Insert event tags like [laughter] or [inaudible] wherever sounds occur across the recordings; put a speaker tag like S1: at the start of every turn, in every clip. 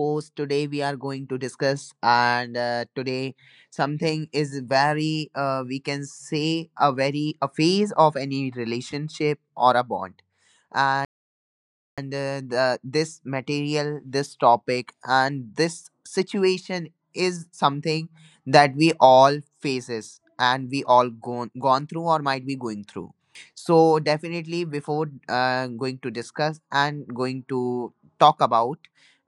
S1: Host. Today, we are going to discuss, and today, something is very, we can say, a phase of any relationship or a bond. And this material, this topic, and this situation is something that we all faces, and we all gone through or might be going through. So definitely, before going to discuss and going to talk about,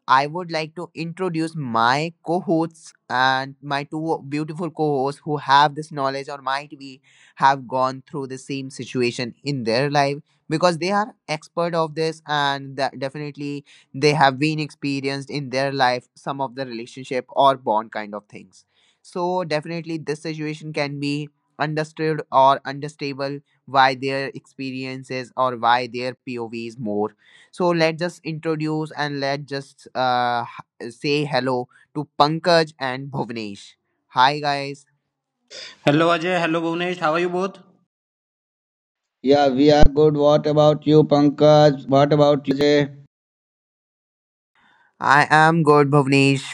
S1: I would like to introduce my co hosts and my two beautiful co hosts who have this knowledge or might be have gone through the same situation in their life, because they are expert of this, and that definitely they have been experienced in their life some of the relationship or bond kind of things. So definitely this situation can be understood or understable, why their experiences or why their POV is more. So let's just introduce, and let's just say hello to Pankaj and Bhuvnesh. Hi guys,
S2: Hello Ajay, hello Bhuvnesh, how are you both?
S3: Yeah, we are good. What about you, Pankaj? What about you, Ajay?
S1: I am good, Bhuvnesh.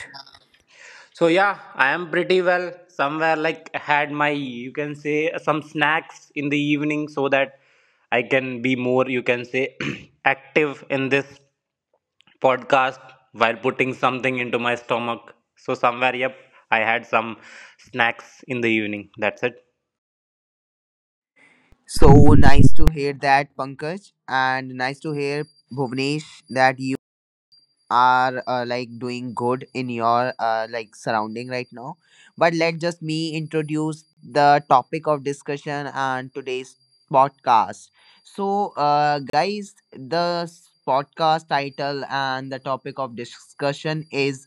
S2: So yeah, I am pretty well. Somewhere like had my you can say some snacks in the evening so that I can be more you can say [clears throat] active in this podcast while putting something into my stomach. So somewhere yep, I had some snacks in the evening. That's it.
S1: So nice to hear that, Pankaj, and nice to hear, Bhuvnesh, that are like doing good in your like surrounding right now. But let just me introduce the topic of discussion and today's podcast. So guys, the podcast title and the topic of discussion is,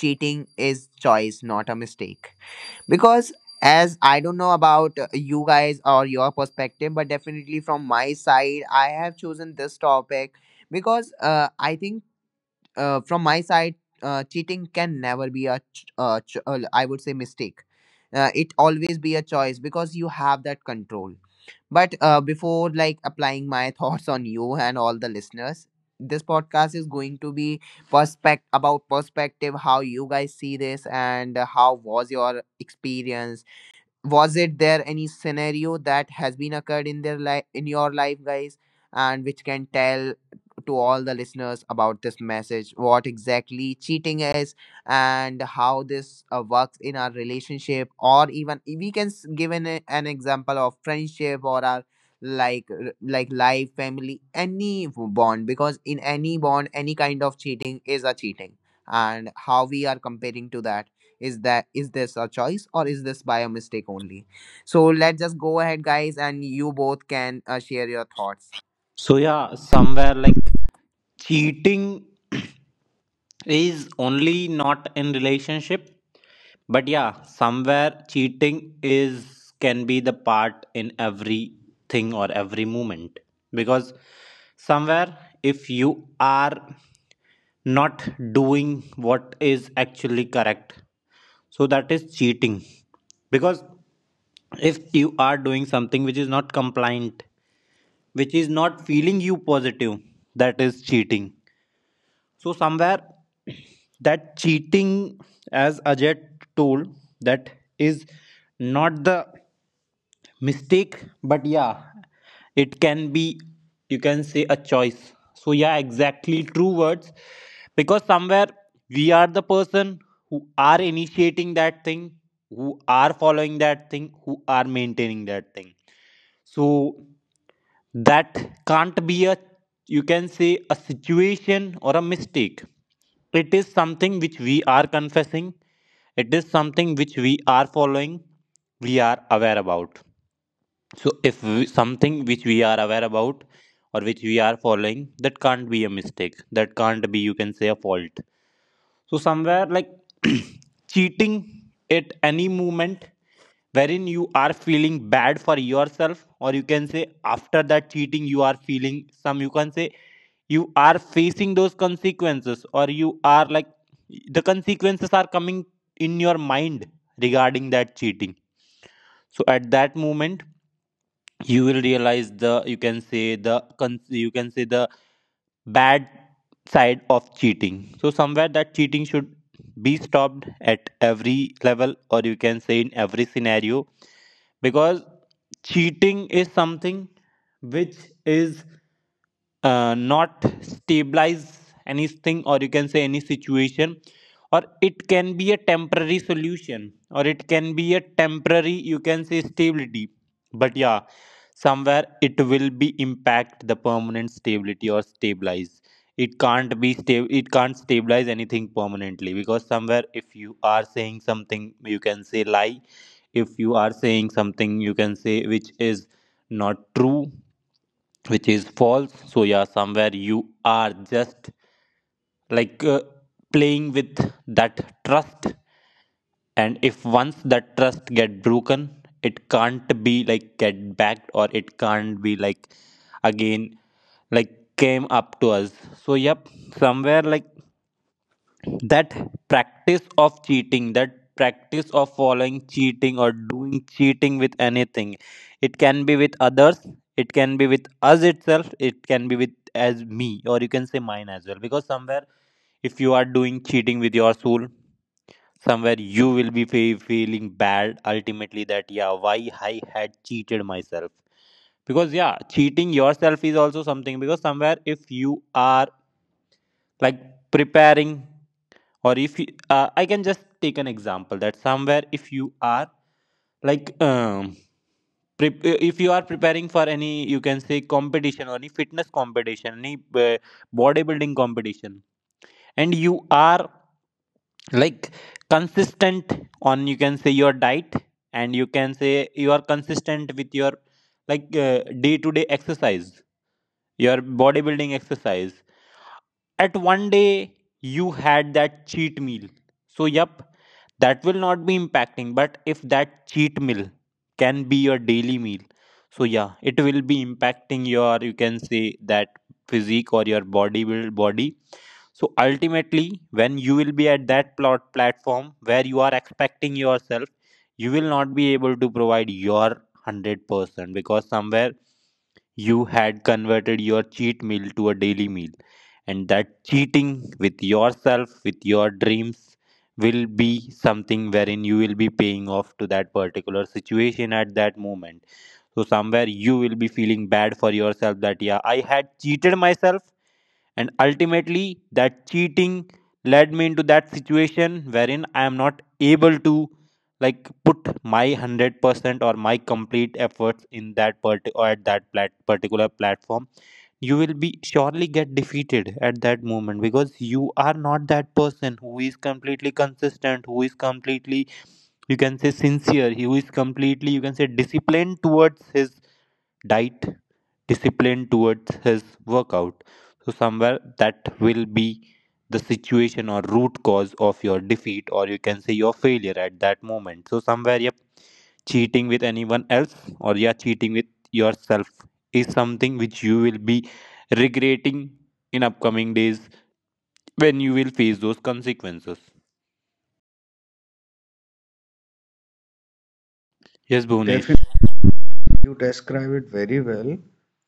S1: cheating is choice not a mistake. Because as I don't know about you guys or your perspective, but definitely from my side, I have chosen this topic because I think, from my side, cheating can never be a I would say, mistake. It always be a choice because you have that control. But before like applying my [laughs] thoughts on you and all the listeners, this podcast is going to be perspective, how you guys see this, and how was your experience, was it there any scenario that has been occurred in their life, in your life guys, and which can tell to all the listeners about this message, what exactly cheating is and how this works in our relationship, or even we can give an example of friendship or our like like life, family, any bond. Because in any bond, any kind of cheating is a cheating, and how we are comparing to that, is that, is this a choice or is this by a mistake only? So let's just go ahead, guys, and you both can share your thoughts.
S2: So yeah, somewhere like cheating [clears throat] is only not in relationship, but yeah, somewhere cheating is can be the part in everything or every moment, because somewhere if you are not doing what is actually correct, so that is cheating, because if you are doing something which is not compliant, which is not feeling you positive, that is cheating. So somewhere that cheating, as Ajay told, that is not the mistake, but yeah it can be you can say a choice. So yeah, exactly true words, because somewhere we are the person who are initiating that thing, who are following that thing, who are maintaining that thing, so that can't be a you can say a situation or a mistake. It is something which we are confessing, it is something which we are following, we are aware about. So if we, something which we are aware about, or which we are following, that can't be a mistake, that can't be you can say a fault. So somewhere like [clears throat] cheating at any moment wherein you are feeling bad for yourself, or you can say after that cheating you are feeling some you can say you are facing those consequences, or you are like the consequences are coming in your mind regarding that cheating, so at that moment you will realize the you can say the you can say the bad side of cheating. So somewhere that cheating should be stopped at every level, or you can say in every scenario, because cheating is something which is not stabilize anything, or you can say any situation, or it can be a temporary solution, or it can be a temporary you can say stability, but yeah somewhere it will be impact the permanent stability or stabilize, it can't be stable, it can't stabilize anything permanently, because somewhere if you are saying something you can say lie, if you are saying something you can say which is not true, which is false. So yeah, somewhere you are just like playing with that trust, and if once that trust get broken, it can't be like get back, or it can't be like again like came up to us. So yep, somewhere like that practice of cheating, that practice of following cheating or doing cheating with anything, it can be with others, it can be with us itself, it can be with as me, or you can say mine as well, because somewhere if you are doing cheating with your soul, somewhere you will be feeling bad ultimately that yeah why I had cheated myself, because yeah cheating yourself is also something, because somewhere if you are like preparing, or if you, I can just take an example that somewhere if you are like if you are preparing for any you can say competition, or any fitness competition, any uh, bodybuilding competition, and you are like consistent on you can say your diet, and you can say you are consistent with your like day to day exercise, your bodybuilding exercise, at one day, you had that cheat meal. So, yep, that will not be impacting. But if that cheat meal can be your daily meal, so yeah, it will be impacting your, you can say, that physique or your body build body. So, ultimately, when you will be at that plot platform where you are expecting yourself, you will not be able to provide your 100% because somewhere you had converted your cheat meal to a daily meal, and that cheating with yourself, with your dreams, will be something wherein you will be paying off to that particular situation at that moment. So, somewhere you will be feeling bad for yourself that, yeah, I had cheated myself, and ultimately that cheating led me into that situation wherein I am not able to like put my 100% or my complete efforts in that part or at that particular platform. You will be surely get defeated at that moment because you are not that person who is completely consistent, who is completely you can say sincere, who is completely you can say disciplined towards his diet, discipline towards his workout. So, somewhere that will be the situation or root cause of your defeat, or you can say your failure at that moment. So, somewhere, yep, cheating with anyone else, or yeah, cheating with yourself is something which you will be regretting in upcoming days when you will face those consequences. Yes, Bhunesh.
S3: Definitely, you describe it very well.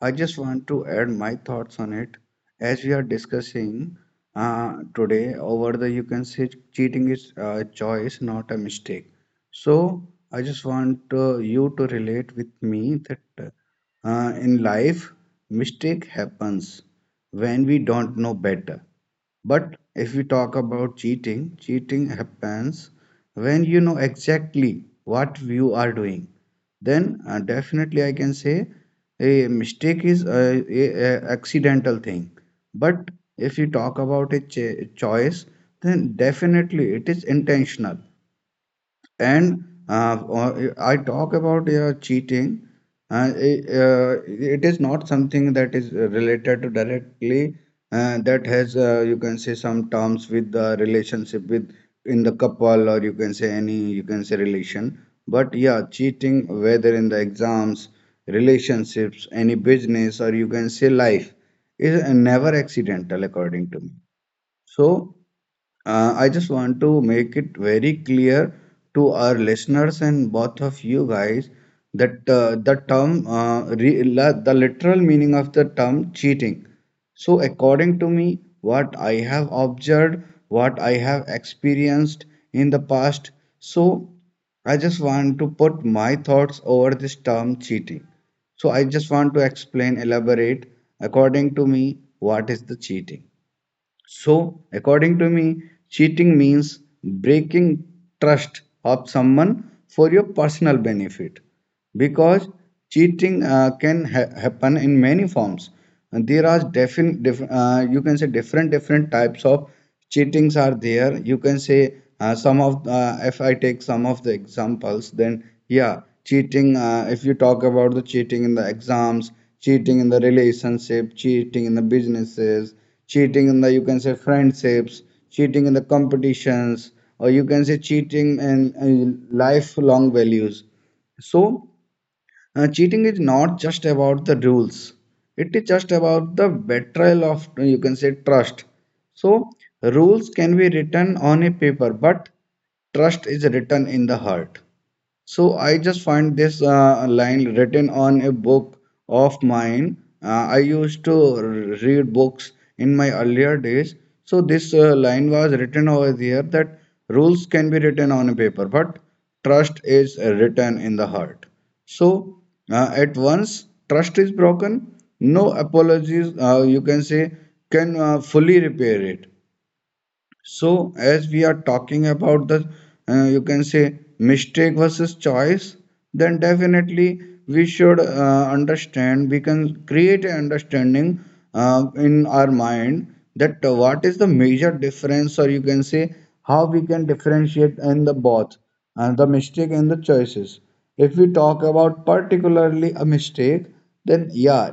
S3: I just want to add my thoughts on it. As we are discussing today, over the you can say cheating is a choice, not a mistake. So I just want you to relate with me that in life, mistake happens when we don't know better. But if we talk about cheating, cheating happens when you know exactly what you are doing. Then definitely I can say a mistake is a accidental thing. But if you talk about a ch choice, then definitely it is intentional. And I talk about cheating. It is not something that is related to directly that has you can say some terms with the relationship with in the couple or you can say any you can say relation. But yeah, cheating whether in the exams, relationships, any business or you can say life is never accidental according to me. So I just want to make it very clear to our listeners and both of you guys that the term, re la the literal meaning of the term cheating. So, according to me, what I have observed, what I have experienced in the past, so I just want to put my thoughts over this term cheating. So, I just want to explain, elaborate according to me, what is the cheating. So, according to me, cheating means breaking trust of someone for your personal benefit because cheating can happen in many forms and there are you can say different types of cheatings are there you can say some of if I take some of the examples then yeah cheating if you talk about the cheating in the exams, cheating in the relationship, cheating in the businesses, cheating in the you can say friendships, cheating in the competitions or you can say cheating in lifelong values. So cheating is not just about the rules. It is just about the betrayal of, you can say, trust. So, rules can be written on a paper, but trust is written in the heart. So I just find this line written on a book of mine. Uh, I used to read books in my earlier days. So this line was written over there that rules can be written on a paper, but trust is written in the heart. So at once trust is broken, no apologies. You can say can fully repair it. So, as we are talking about the, you can say, mistake versus choice, then definitely we should understand, we can create an understanding in our mind that what is the major difference, or you can say, how we can differentiate in the both, the mistake and the choices. If we talk about particularly a mistake, then yeah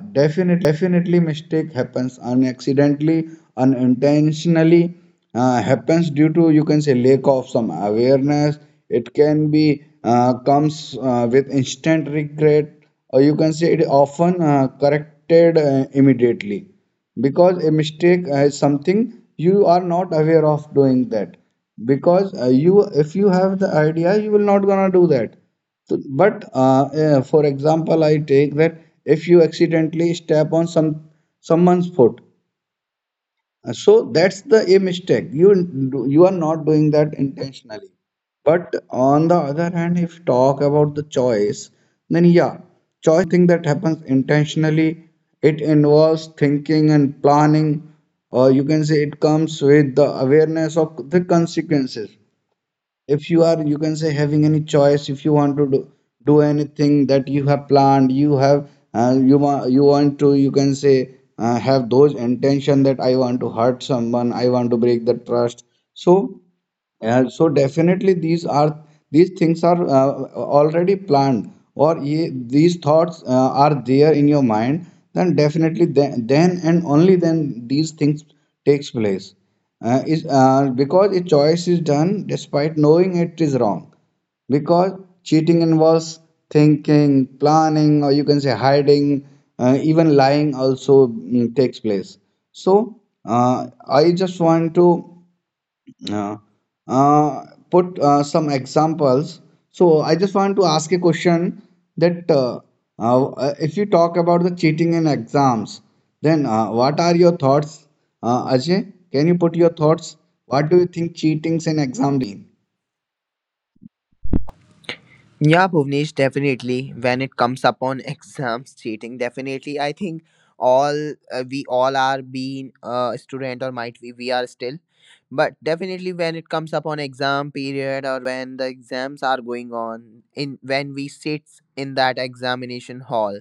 S3: definitely mistake happens unaccidentally unintentionally happens due to you can say lack of some awareness. It can be comes with instant regret or you can say it often corrected immediately because a mistake is something you are not aware of doing that because you if you have the idea you will not gonna do that so, but for example, I take that if you accidentally step on someone's foot, so that's the a mistake. You are not doing that intentionally. But on the other hand, if you talk about the choice, then yeah, choice is something that happens intentionally. It involves thinking and planning, or you can say it comes with the awareness of the consequences if you are you can say having any choice if you want to do, do anything that you have planned you have you want to you can say have those intention that I want to hurt someone, I want to break the trust. So so definitely these are these things are already planned or ye, these thoughts are there in your mind then definitely then and only then these things takes place is because a choice is done despite knowing it is wrong because cheating involves thinking planning or you can say hiding even lying also takes place so uh, I just want to uh, uh, put some examples. So I just want to ask a question that if you talk about the cheating in exams, then what are your thoughts, Ajay? Can you put your thoughts? What do you think cheatings in exam really mean?
S1: Yeah, Bhuvnesh, definitely. When it comes upon [laughs] exams, cheating, definitely. I think all we all are being a student, or might we are still, but definitely when it comes upon exam period, or when the exams are going on, in when we sit in that examination hall,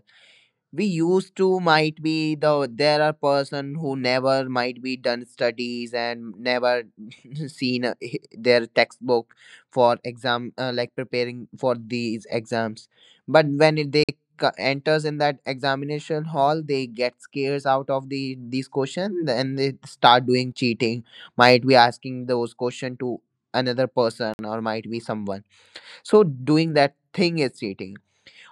S1: we used to, might be, there are person who never might be done studies and never [laughs] seen their textbook for exam, like preparing for these exams. But when they enters in that examination hall, they get scares out of these question, and they start doing cheating, might be asking those question to another person or might be someone. So doing that thing is cheating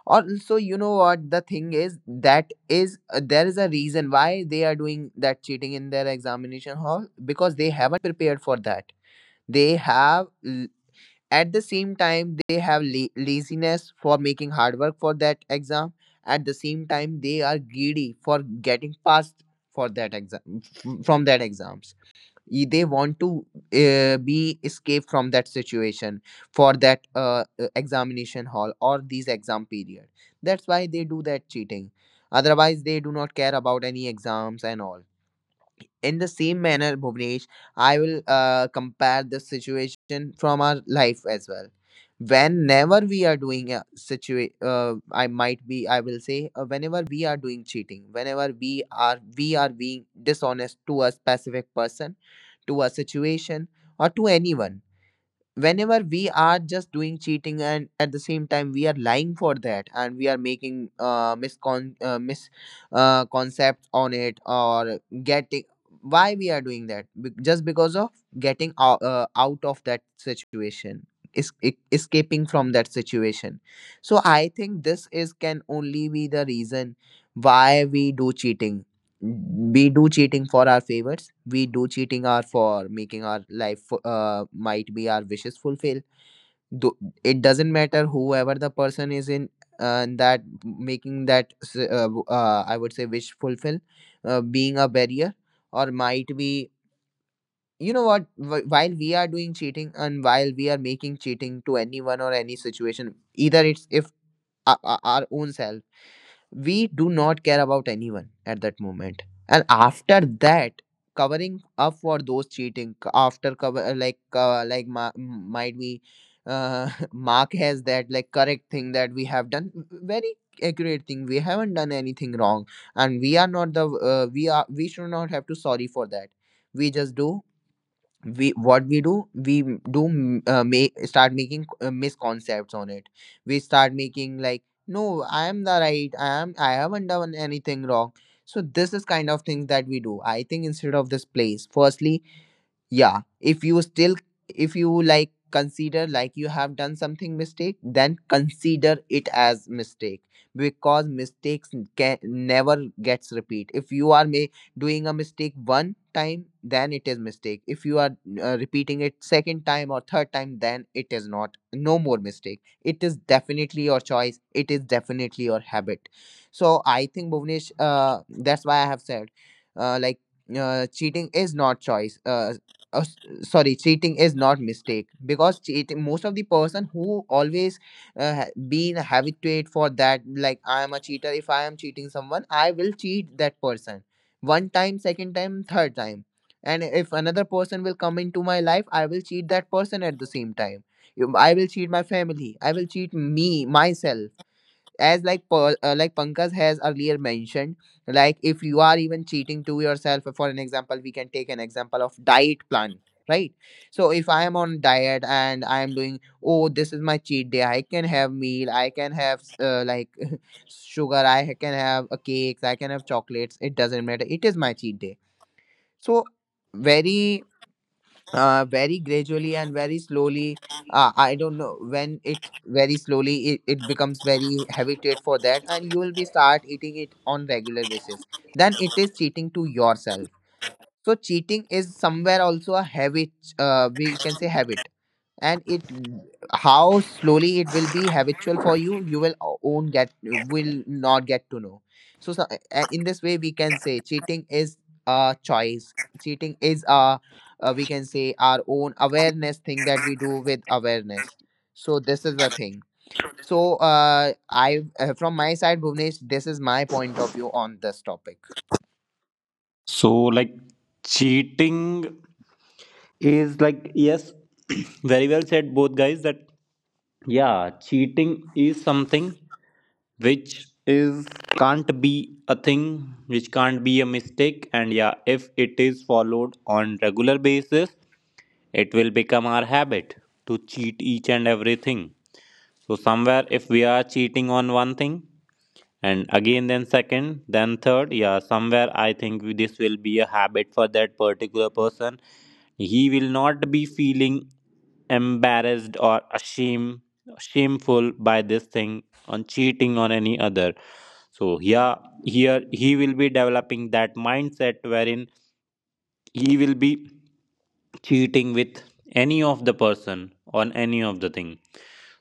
S1: also, you know what the thing is, that is there is a reason why they are doing that cheating in their examination hall, because they haven't prepared for that, they have at the same time, they have laziness for making hard work for that exam. At the same time, they are greedy for getting passed for that exam from that exams. They want to be escaped from that situation, for that examination hall or these exam period. That's why they do that cheating. Otherwise, they do not care about any exams and all. In the same manner, Bhuvnesh, I will compare this situation from our life as well. Whenever we are doing a situation, I will say, whenever we are doing cheating, whenever we are being dishonest to a specific person, to a situation, or to anyone, whenever we are just doing cheating, and at the same time we are lying for that, and we are making miscon mis concepts on it, or getting why we are doing that. Just because of getting out of that situation, is escaping from that situation. So I think this is can only be the reason why we do cheating. We do cheating for our favors, we do cheating are for making might be our wishes fulfill. Tho- it doesn't matter whoever the person is in that, making that I would say wish fulfill, being a barrier, or might be, you know what, while we are doing cheating, and while we are making cheating to anyone or any situation, either it's, if our own self, we do not care about anyone at that moment. And after that, covering up for those cheating, c- after cover like ma- m- might be [laughs] mark has that like correct thing that we have done, very accurate thing, we haven't done anything wrong, and we are not the we should not have to sorry for that. We just do, we what we do, we do m- make start making misconcepts on it. We start making like, no, I am the right, I haven't done anything wrong. So this is kind of things that we do. I think, instead of this place, firstly, yeah, if you like consider like you have done something mistake, then consider it as mistake. Because mistakes can never gets repeat. If you are doing a mistake one time, then it is mistake. If you are repeating it second time or third time, then it is not, no more mistake. It is definitely your choice, it is definitely your habit. So I think, Bhuvnesh, that's why I have said, like, cheating is not choice, uh, s- sorry, cheating is not mistake. Because cheating, most of the person who always been habituated for that, like, I am a cheater. If I am cheating someone, I will cheat that person one time, second time, third time. And if another person will come into my life, I will cheat that person at the same time. I will cheat my family, I will cheat me myself. As like like Pankaj has earlier mentioned, like, if you are even cheating to yourself, for an example, we can take an example of diet plan, right? So if I am on diet and I am doing, oh, this is my cheat day, I can have meal, I can have like [laughs] sugar, I can have a cakes, I can have chocolates. It doesn't matter, it is my cheat day. So very very gradually and very slowly, I don't know when, it very slowly, it becomes very habituate for that, and you will be start eating it on regular basis. Then it is cheating to yourself. So cheating is somewhere also a habit, we can say habit. And it, how slowly it will be habitual for you, you will not get to know. So, so, in this way we can say cheating is a choice. Cheating is a, we can say, our own awareness thing, that we do with awareness. So this is the thing. So I, from my side, Bhuvnesh, this is my point of view on this topic.
S2: So, like, cheating is like, yes, [clears throat] very well said, both guys, that yeah cheating is something which is can't be a thing, which can't be a mistake, and yeah if it is followed on regular basis, it will become our habit to cheat each and everything. So somewhere if we are cheating on one thing, and again then second, then third, yeah somewhere I think this will be a habit for that particular person. He will not be feeling embarrassed or ashamed, shameful by this thing on cheating on any other. So yeah, here he will be developing that mindset wherein he will be cheating with any of the person on any of the thing.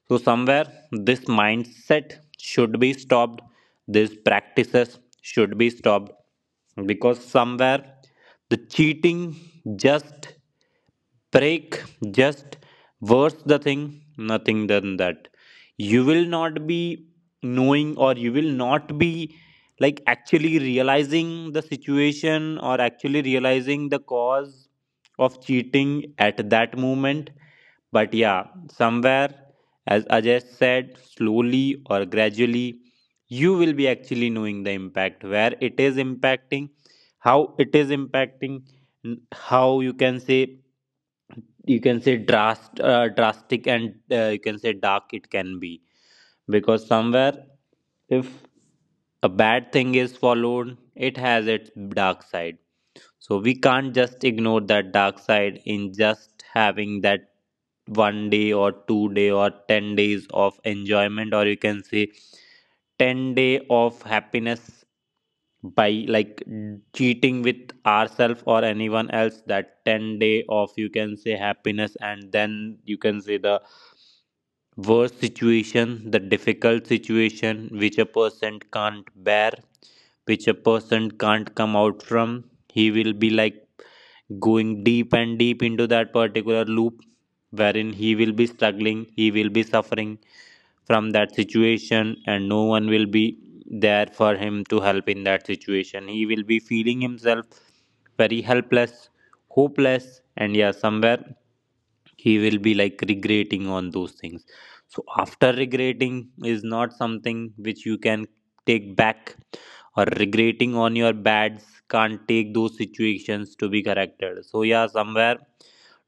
S2: So somewhere this mindset should be stopped, these practices should be stopped, because somewhere the cheating just break, just worse the thing, nothing than that. You will not be knowing, or you will not be like actually realizing the situation, or actually realizing the cause of cheating at that moment, but yeah somewhere as Ajay said slowly or gradually you will be actually knowing the impact where it is impacting, how it is impacting, n- how you can say drastic, and you can say dark it can be, because somewhere if a bad thing is followed, it has its dark side. So we can't just ignore that dark side in just having that one day or 2 day or 10 days of enjoyment, or you can say 10 day of happiness by like cheating with ourselves or anyone else, that 10 day of you can say happiness, and then you can say the worse situation, the difficult situation which a person can't bear, which a person can't come out from. He will be like going deep and deep into that particular loop wherein he will be struggling, he will be suffering from that situation, and no one will be there for him to help in that situation. He will be feeling himself very helpless, hopeless, and yeah, somewhere he will be like regretting on those things. So, after regretting is not something which you can take back, or regretting on your bads can't take those situations to be corrected. So yeah, somewhere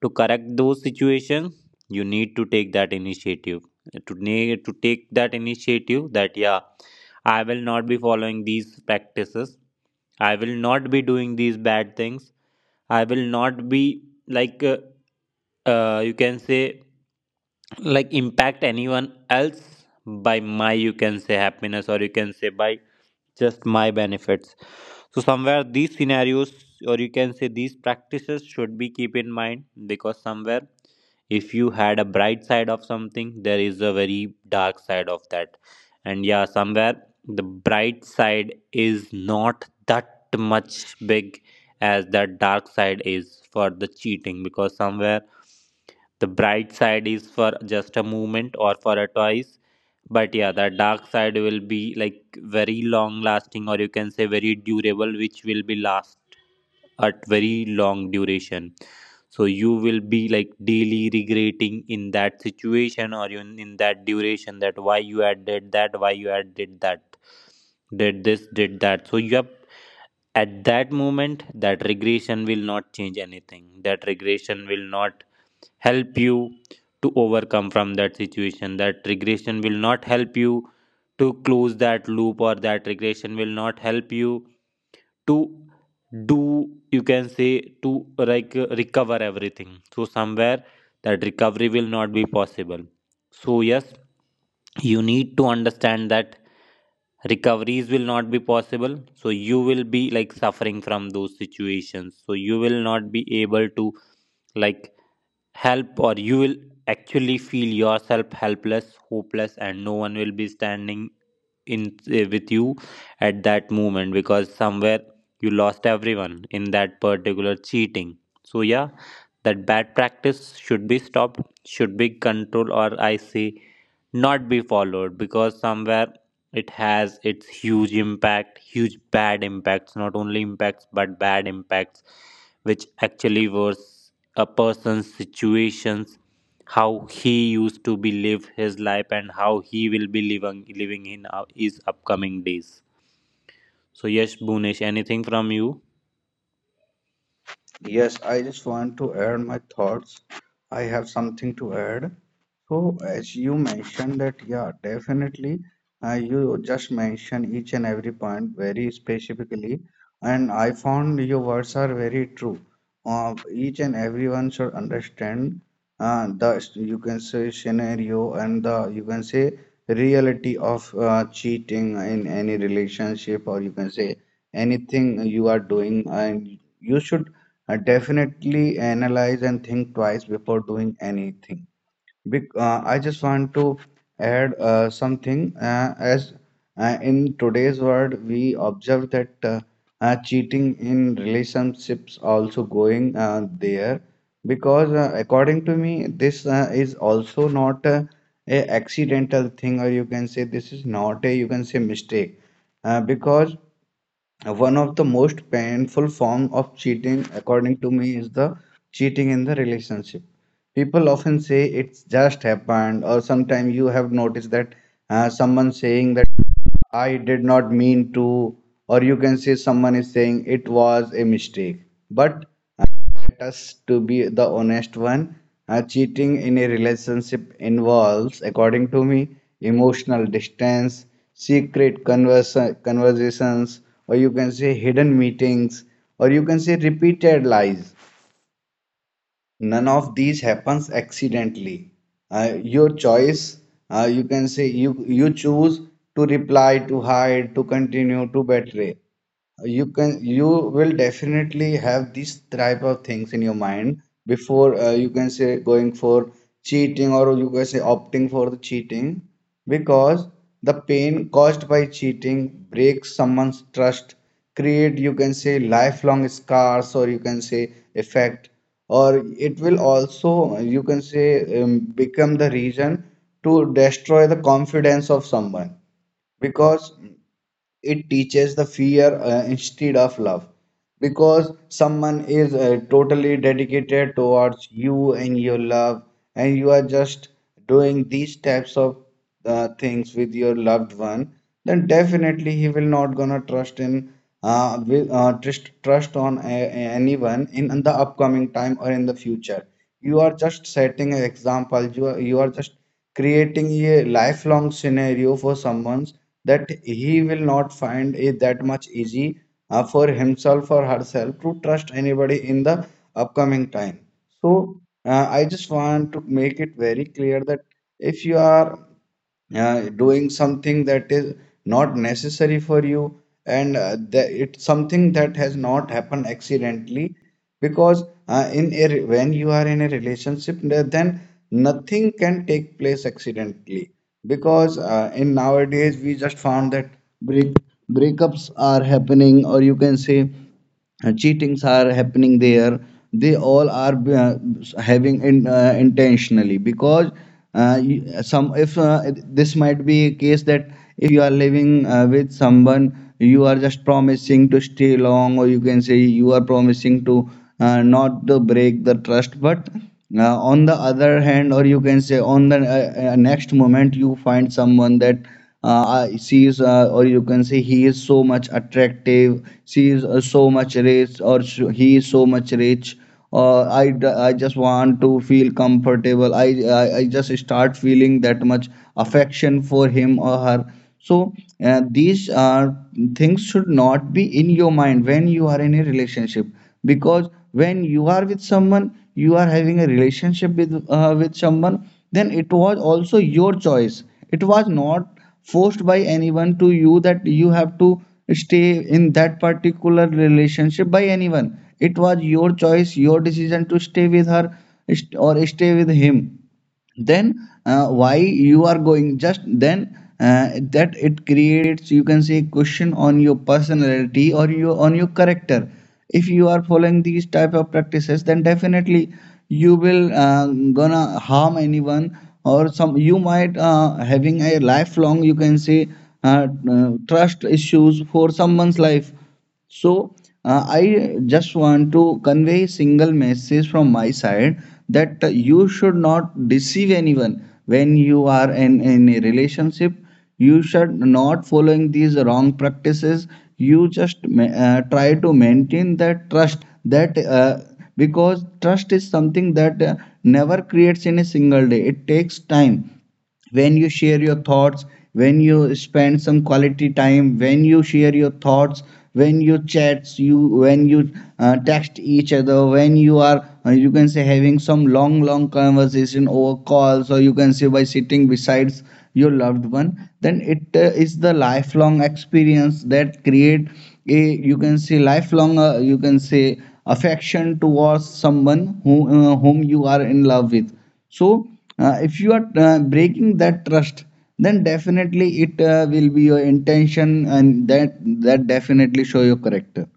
S2: to correct those situations you need to take that initiative, to need to take that initiative that yeah I will not be following these practices, I will not be doing these bad things, I will not be like you can say like impact anyone else by my you can say happiness, or you can say by just my benefits. So somewhere these scenarios, or you can say these practices should be keep in mind, because somewhere if you had a bright side of something, there is a very dark side of that, and yeah somewhere the bright side is not that much big as that dark side is for the cheating, because somewhere the bright side is for just a moment or for a twice, but yeah that dark side will be like very long lasting, or you can say very durable, which will be last at very long duration. So you will be like daily regretting in that situation, or in that duration, that why you had did that, why you had did that, did this, did that. So you have at that moment, that regression will not change anything, that regression will not help you to overcome from that situation, that regression will not help you to close that loop, or that regression will not help you to do you can say to like recover everything. So somewhere that recovery will not be possible. So, yes, you need to understand that recoveries will not be possible. So, you will be like suffering from those situations. So, you will not be able to like help, or you will actually feel yourself helpless, hopeless, and no one will be standing in with you at that moment, because somewhere you lost everyone in that particular cheating. So yeah that bad practice should be stopped, should be controlled, or I see, not be followed, because somewhere it has its huge impact, huge bad impacts, not only impacts but bad impacts, which actually worse a person's situations, how he used to be live his life, and how he will be living in his upcoming days. So yes, Bunish, anything from you?
S3: Yes, I just want to add my thoughts. I have something to add. So, as you mentioned that, yeah, definitely, you just mentioned each and every point very specifically, and I found your words are very true. Each and everyone should understand the you can say scenario and the you can say reality of cheating in any relationship or you can say anything you are doing and you should definitely analyze and think twice before doing anything. Bec I just want to add something as in today's world we observe that cheating in relationships also going there because according to me this is also not a accidental thing or you can say this is not a you can say mistake because one of the most painful form of cheating, according to me, is the cheating in the relationship. People often say it's just happened, or sometimes you have noticed that someone saying that I did not mean to, or you can say someone is saying it was a mistake. But let us to be the honest one. Cheating in a relationship involves, according to me, emotional distance, secret conversations, or you can say hidden meetings, or you can say repeated lies. None of these happens accidentally. Your choice you can say you choose to reply to hide to continue to betray you can you will definitely have these type of things in your mind before you can say going for cheating or you can say opting for the cheating because the pain caused by cheating breaks someone's trust, create you can say lifelong scars or you can say effect or it will also you can say become the reason to destroy the confidence of someone because it teaches the fear instead of love because someone is totally dedicated towards you and your love and you are just doing these types of things with your loved one then definitely he will not gonna trust in will, trust on anyone in the upcoming time or in the future. You are just setting an example. You are just creating a lifelong scenario for someone that he will not find it that much easy for himself or herself to trust anybody in the upcoming time. So I just want to make it very clear that if you are doing something that is not necessary for you and the, it's something that has not happened accidentally because in a, when you are in a relationship then nothing can take place accidentally because in nowadays we just found that break breakups are happening or you can say cheatings are happening there they all are having in, intentionally because you- some if this might be a case that if you are living with someone you are just promising to stay long or you can say you are promising to not to break the trust but on the other hand or you can say on the next moment you find someone that she is or you can say he is so much attractive, she is so much rich or he is so much rich. I, I just want to feel comfortable. I just start feeling that much affection for him or her. So these are things should not be in your mind when you are in a relationship because when you are with someone you are having a relationship with someone then it was also your choice. It was not forced by anyone to you that you have to stay in that particular relationship by anyone. It was your choice, your decision to stay with her or stay with him. Then why you are going just then that it creates you can say question on your personality or your on your character. If you are following these type of practices then definitely you will gonna harm anyone or some you might having a lifelong you can say trust issues for someone's life. So, I just want to convey a single message from my side that you should not deceive anyone when you are in a relationship. You should not following these wrong practices. You just try to maintain that trust that because trust is something that never creates in a single day. It takes time when you share your thoughts, when you spend some quality time, when you share your thoughts, when you chats you, when you text each other, when you are you can say having some long conversation over calls or you can say by sitting besides your loved one then it is the lifelong experience that create a you can say lifelong you can say affection towards someone who, whom you are in love with. So if you are breaking that trust then definitely it will be your intention and that definitely show your character.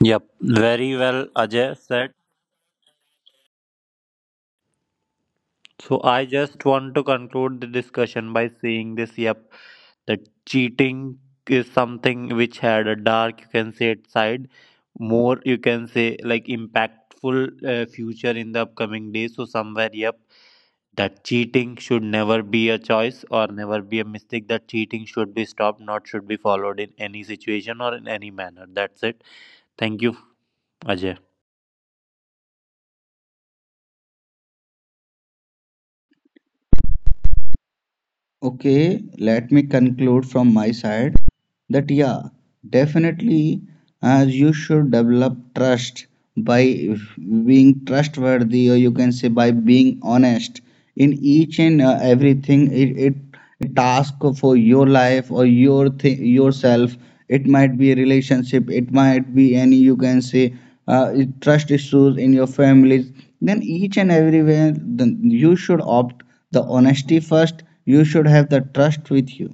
S2: Yep, very well, Ajay said. So I just want to conclude the discussion by saying this, yep, that cheating is something which had a dark, you can say, it side, more, you can say, like impactful future in the upcoming days. So somewhere, yep, that cheating should never be a choice or never be a mistake. That cheating should be stopped, not should be followed in any situation or in any manner. That's it. Thank you, Ajay.
S3: Okay, let me conclude from my side that yeah definitely you should develop trust by being trustworthy or you can say by being honest in each and everything. It is a task for your life or your thing yourself. It might be a relationship, it might be any you can say uh, trust issues in your families then each and everywhere then you should opt the honesty first. You should have the trust with you.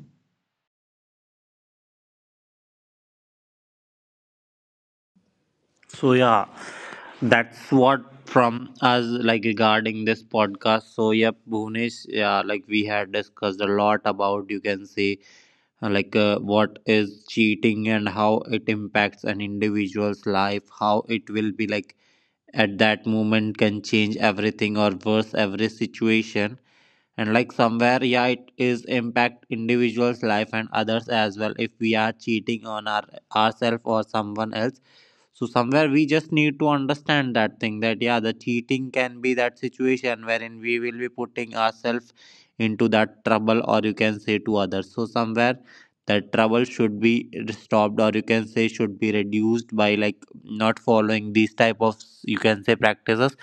S2: So yeah, that's what from us like regarding this podcast. So yep, Bhunesh, yeah, like we had discussed a lot about you can say like what is cheating and how it impacts an individual's life, how it will be like at that moment can change everything, or worse every situation, and like somewhere yeah it is impact individuals life and others as well if we are cheating on ourselves or someone else. So somewhere we just need to understand that thing that yeah the cheating can be that situation wherein we will be putting ourselves into that trouble, or you can say to others. So somewhere that trouble should be stopped, or you can say should be reduced by like not following these type of you can say practices,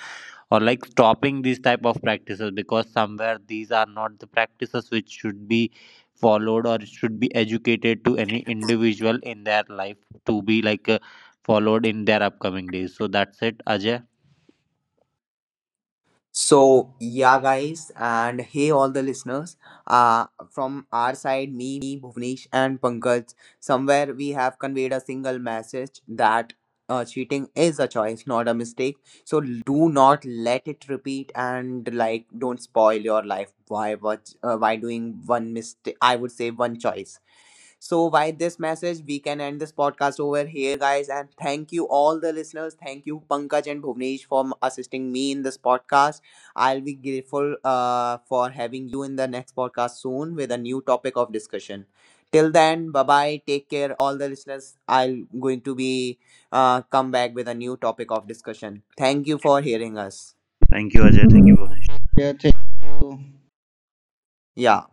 S2: or like stopping these type of practices, because somewhere these are not the practices which should be followed, or should be educated to any individual in their life to be like followed in their upcoming days. So that's it Ajay,
S4: So, yeah, guys, and hey, all the listeners. Uh, from our side, me, Bhuvnesh, and Pankaj, somewhere we have conveyed a single message that cheating is a choice, not a mistake. So, do not let it repeat and like don't spoil your life. Why, what, why doing one mistake? I would say one choice. So, by this message, we can end this podcast over here, guys. And thank you, all the listeners. Thank you, Pankaj and Bhuvnesh, for assisting me in this podcast. I'll be grateful for having you in the next podcast soon with a new topic of discussion. Till then, bye bye. Take care, all the listeners. I'm going to be come back with a new topic of discussion. Thank you for hearing us.
S2: thank you Ajay, thank you for
S3: Yeah, thank you.
S4: Yeah.